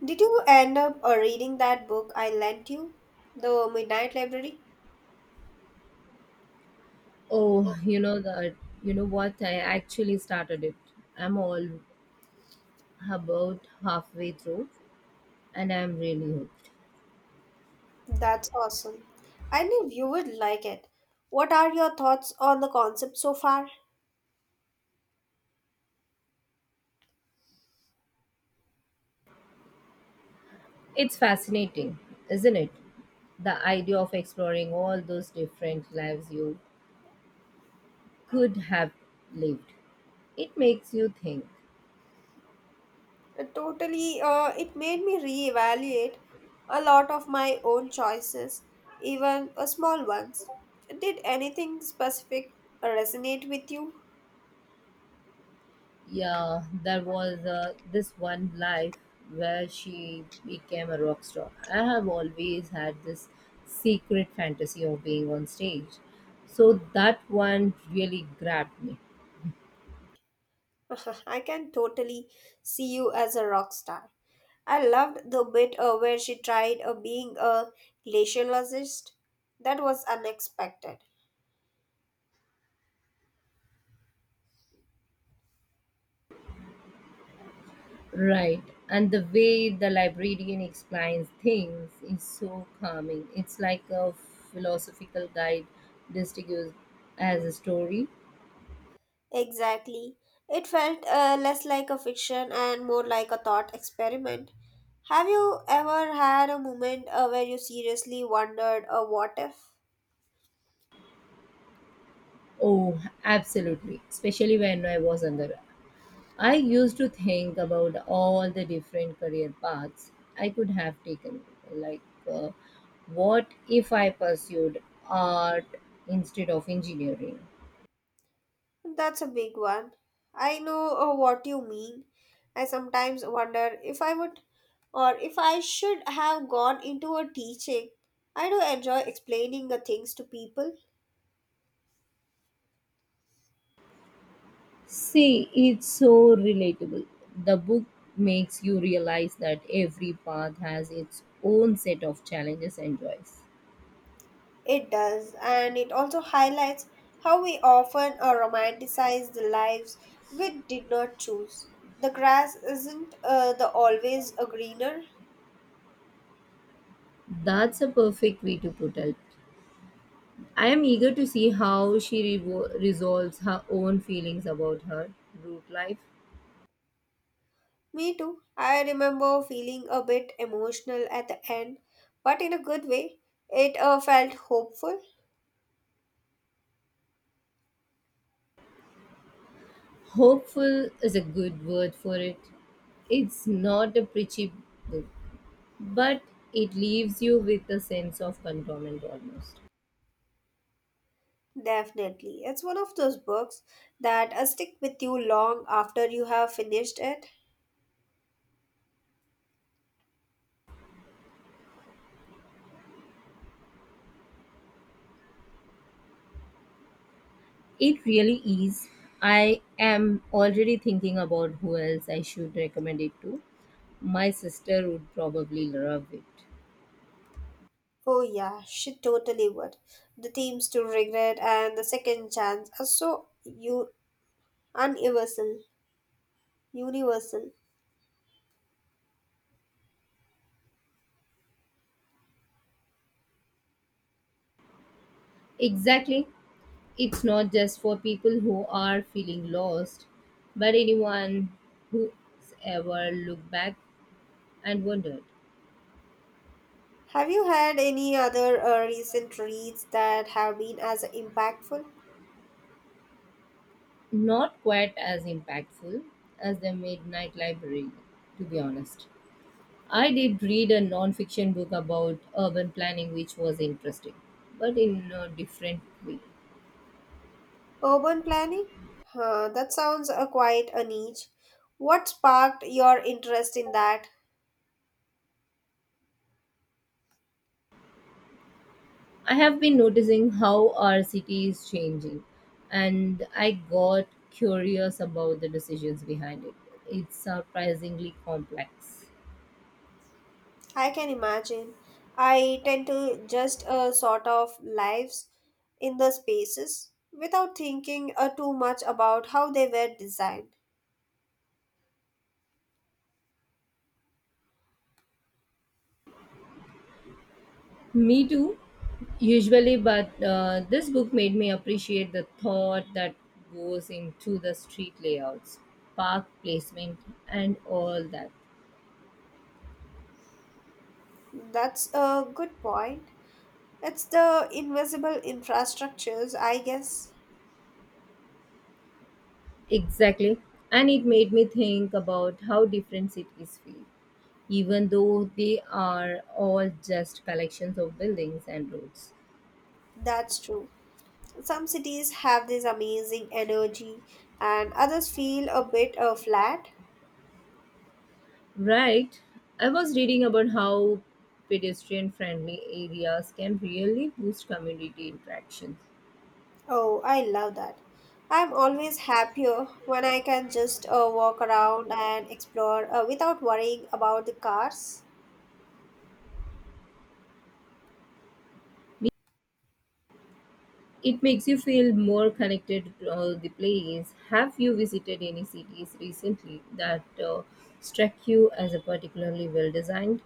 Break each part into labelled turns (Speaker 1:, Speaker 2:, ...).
Speaker 1: Did you end up reading that book I lent you? The Midnight Library?
Speaker 2: Oh, you know what? I actually started it. I'm all About halfway through and I'm really hooked.
Speaker 1: That's awesome. I knew you would like it. What are your thoughts on the concept so far?
Speaker 2: It's fascinating, isn't it? The idea of exploring all those different lives you could have lived. It makes you think.
Speaker 1: Totally, it made me reevaluate a lot of my own choices, even small ones. Did anything specific resonate with you?
Speaker 2: Yeah, there was this one life where she became a rock star. I have always had this secret fantasy of being on stage. So that one really grabbed me.
Speaker 1: I can totally see you as a rock star. I loved the bit where she tried being a glaciologist. That was unexpected.
Speaker 2: Right. And the way the librarian explains things is so calming. It's like a philosophical guide disguised as a story.
Speaker 1: Exactly. It felt less like a fiction and more like a thought experiment. Have you ever had a moment where you seriously wondered, what if?
Speaker 2: Oh, absolutely. Especially when I was under. I used to think about all the different career paths I could have taken. Like, uh, what if I pursued art instead of engineering?
Speaker 1: That's a big one. I know what you mean. I sometimes wonder if I would or if I should have gone into a teaching. I do enjoy explaining the things to people.
Speaker 2: See, it's so relatable. The book makes you realize that every path has its own set of challenges and joys.
Speaker 1: It does, and it also highlights how we often romanticize the lives we did not choose. The grass isn't the always a greener.
Speaker 2: That's a perfect way to put it. I am eager to see how she resolves her own feelings about her root life.
Speaker 1: Me too. I remember feeling a bit emotional at the end, but in a good way. It felt hopeful.
Speaker 2: Hopeful is a good word for it. It's not a preachy book, but it leaves you with a sense of contentment almost.
Speaker 1: Definitely. It's one of those books that stick with you long after you have finished it.
Speaker 2: It really is. I am already thinking about who else I should recommend it to. My sister would probably love it.
Speaker 1: Oh, yeah, she totally would. The themes to regret and the second chance are so universal. Universal.
Speaker 2: Exactly. It's not just for people who are feeling lost, but anyone who's ever looked back and wondered.
Speaker 1: Have you had any other recent reads that have been as impactful?
Speaker 2: Not quite as impactful as the Midnight Library, to be honest. I did read a non-fiction book about urban planning which was interesting, but in a different way.
Speaker 1: Urban planning? Huh, that sounds quite a niche. What sparked your interest in that?
Speaker 2: I have been noticing how our city is changing, and I got curious about the decisions behind it. It's surprisingly complex.
Speaker 1: I can imagine. I tend to just sort of lives in the spaces without thinking too much about how they were designed.
Speaker 2: Me too, usually, but this book made me appreciate the thought that goes into the street layouts, park placement, and all that.
Speaker 1: That's a good point. It's the invisible infrastructures, I guess.
Speaker 2: Exactly. And it made me think about how different cities feel, even though they are all just collections of buildings and roads.
Speaker 1: That's true. Some cities have this amazing energy, and others feel a bit flat.
Speaker 2: Right. I was reading about how pedestrian friendly areas can really boost community interactions.
Speaker 1: Oh, I love that. I'm always happier when I can just walk around and explore without worrying about the cars.
Speaker 2: It makes you feel more connected to the place. Have you visited any cities recently that struck you as a particularly well designed?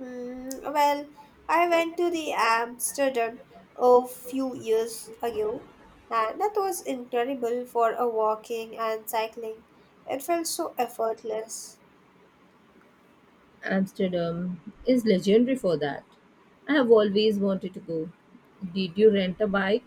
Speaker 1: Mm, well, I went to the Amsterdam a few years ago, and that was incredible for a walking and cycling. It felt so effortless.
Speaker 2: Amsterdam is legendary for that. I have always wanted to go. Did you rent a bike?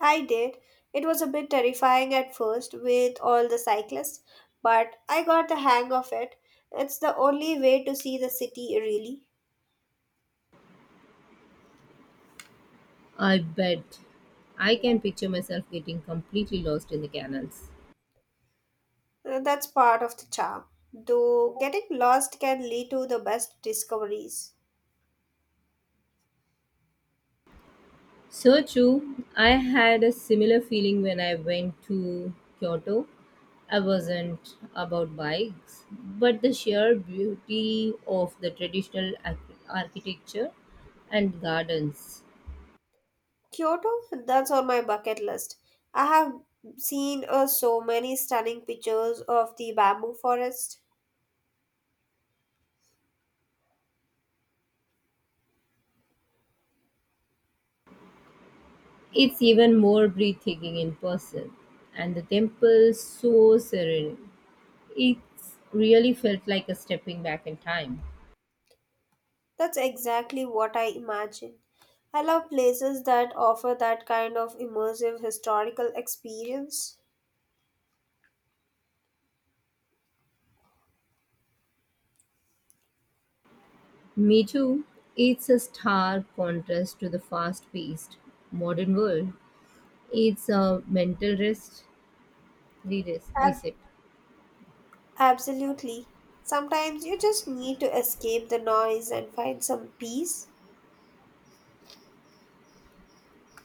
Speaker 1: I did. It was a bit terrifying at first with all the cyclists, but I got the hang of it. It's the only way to see the city, really.
Speaker 2: I bet. I can picture myself getting completely lost in the canals.
Speaker 1: That's part of the charm. Though getting lost can lead to the best discoveries.
Speaker 2: So true. I had a similar feeling when I went to Kyoto. I wasn't about bikes, but the sheer beauty of the traditional architecture and gardens.
Speaker 1: Kyoto, that's on my bucket list. I have seen so many stunning pictures of the bamboo forest.
Speaker 2: It's even more breathtaking in person, and the temple so serene. It really felt like a stepping back in time.
Speaker 1: That's exactly what I imagine. I love places that offer that kind of immersive historical experience.
Speaker 2: Me too. It's a stark contrast to the fast paced modern world. It's a mental rest,
Speaker 1: Ab-
Speaker 2: reset.
Speaker 1: absolutely. Sometimes you just need to escape the noise and find some peace.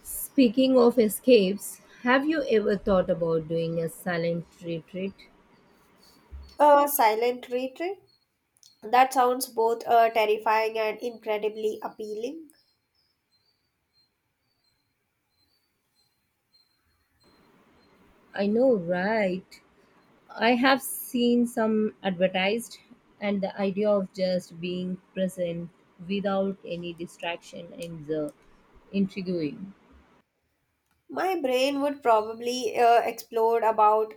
Speaker 2: Speaking of escapes, have you ever thought about doing a silent retreat?
Speaker 1: A silent retreat. That sounds both terrifying and incredibly appealing.
Speaker 2: I know, right? I have seen some advertised, and the idea of just being present without any distraction is intriguing.
Speaker 1: My brain would probably explode about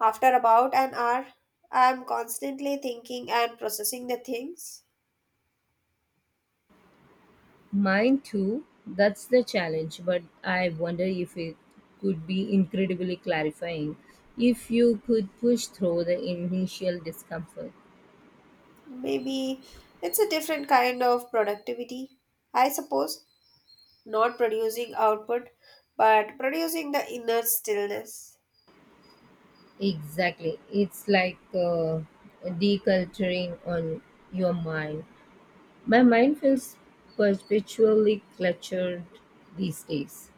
Speaker 1: after about an hour. I'm constantly thinking and processing the things.
Speaker 2: Mine too. That's the challenge, but I wonder if it could be incredibly clarifying if you could push through the initial discomfort.
Speaker 1: Maybe it's a different kind of productivity, I suppose. Not producing output, but producing the inner stillness.
Speaker 2: Exactly. It's like deculturing on your mind. My mind feels perpetually cluttered these days.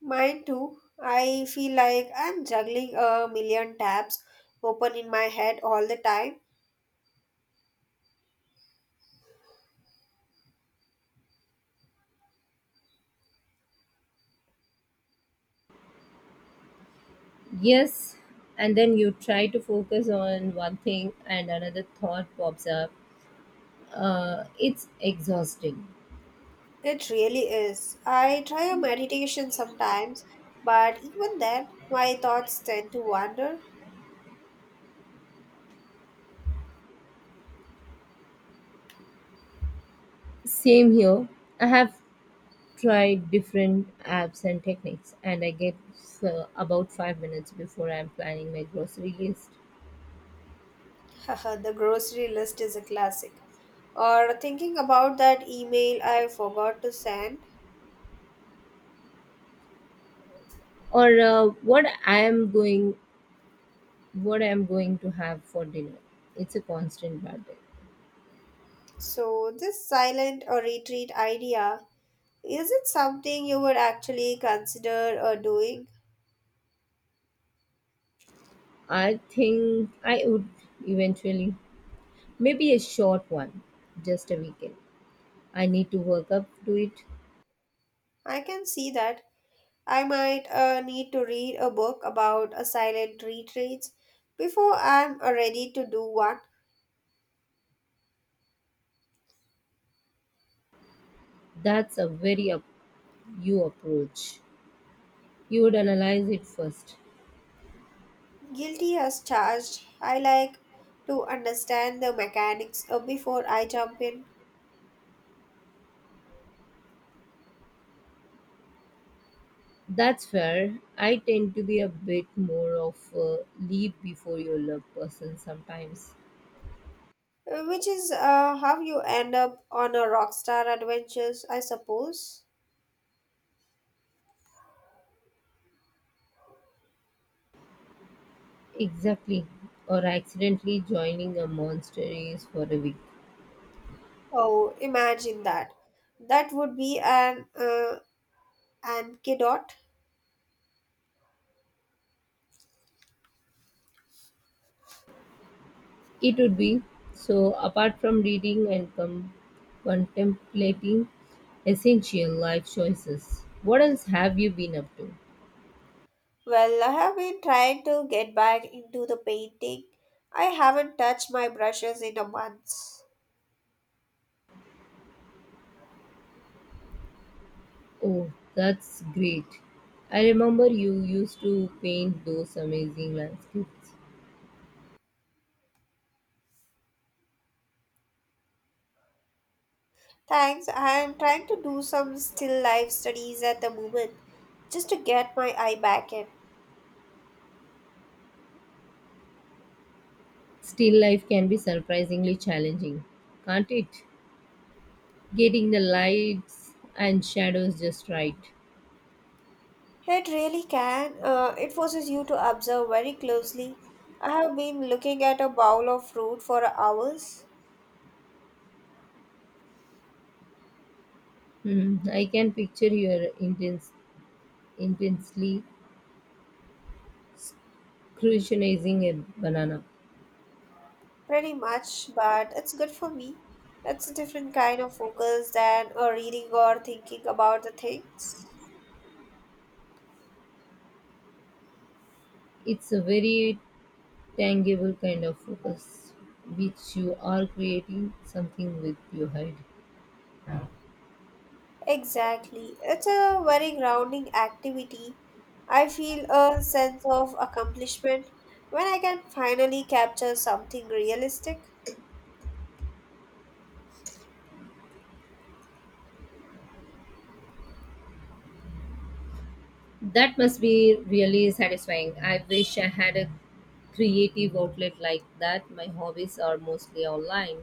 Speaker 1: Mine too. I feel like I'm juggling a million tabs open in my head all the time.
Speaker 2: Yes, and then you try to focus on one thing and another thought pops up. It's exhausting.
Speaker 1: It really is. I try a meditation sometimes, but even then, my thoughts tend to wander.
Speaker 2: Same here. I have tried different apps and techniques, and I get about 5 minutes before I'm planning my grocery list
Speaker 1: Haha, the grocery list is a classic. Or thinking about that email I forgot to send.
Speaker 2: or what I am going to have for dinner. It's a constant battle.
Speaker 1: So, this silent or retreat idea, is it something you would actually consider doing?
Speaker 2: I think I would eventually, maybe a short one, just a weekend. I need to work up to it.
Speaker 1: I can see that. I might need to read a book about a silent retreats before I'm ready to do one.
Speaker 2: That's a very up you approach. You would analyze it first.
Speaker 1: Guilty as charged. I like to understand the mechanics before I jump in,
Speaker 2: That's fair. I tend to be a bit more of a leap before you love person sometimes.
Speaker 1: which is how you end up on a rockstar adventures, I suppose.
Speaker 2: Exactly. Or accidentally joining a monster race for a week.
Speaker 1: Oh, imagine that. That would be an anecdote.
Speaker 2: It would be. So, apart from reading and contemplating essential life choices, what else have you been up to?
Speaker 1: Well, I have been trying to get back into the painting. I haven't touched my brushes in a month.
Speaker 2: Oh, that's great. I remember you used to paint those amazing landscapes.
Speaker 1: Thanks. I am trying to do some still life studies at the moment just to get my eye back in.
Speaker 2: Still life can be surprisingly challenging, can't it? Getting the lights and shadows just right.
Speaker 1: It really can. It forces you to observe very closely. I have been looking at a bowl of fruit for hours.
Speaker 2: Hmm, I can picture your intensely crucializing a banana.
Speaker 1: Pretty much, but it's good for me. It's a different kind of focus than reading or thinking about the things.
Speaker 2: It's a very tangible kind of focus, which you are creating something with your head.
Speaker 1: Exactly. It's a very grounding activity. I feel a sense of accomplishment when I can finally capture something realistic.
Speaker 2: That must be really satisfying. I wish I had a creative outlet like that. My hobbies are mostly online.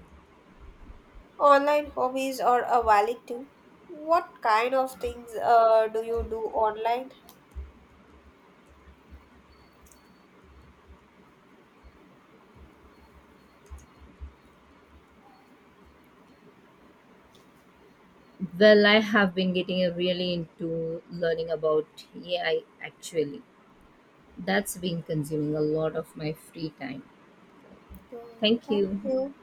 Speaker 1: Online hobbies are a valid too. What kind of things do you do online?
Speaker 2: Well, I have been getting really into learning about AI actually. That's been consuming a lot of my free time.
Speaker 1: Yeah,
Speaker 2: Thank
Speaker 1: thank
Speaker 2: you.
Speaker 1: you.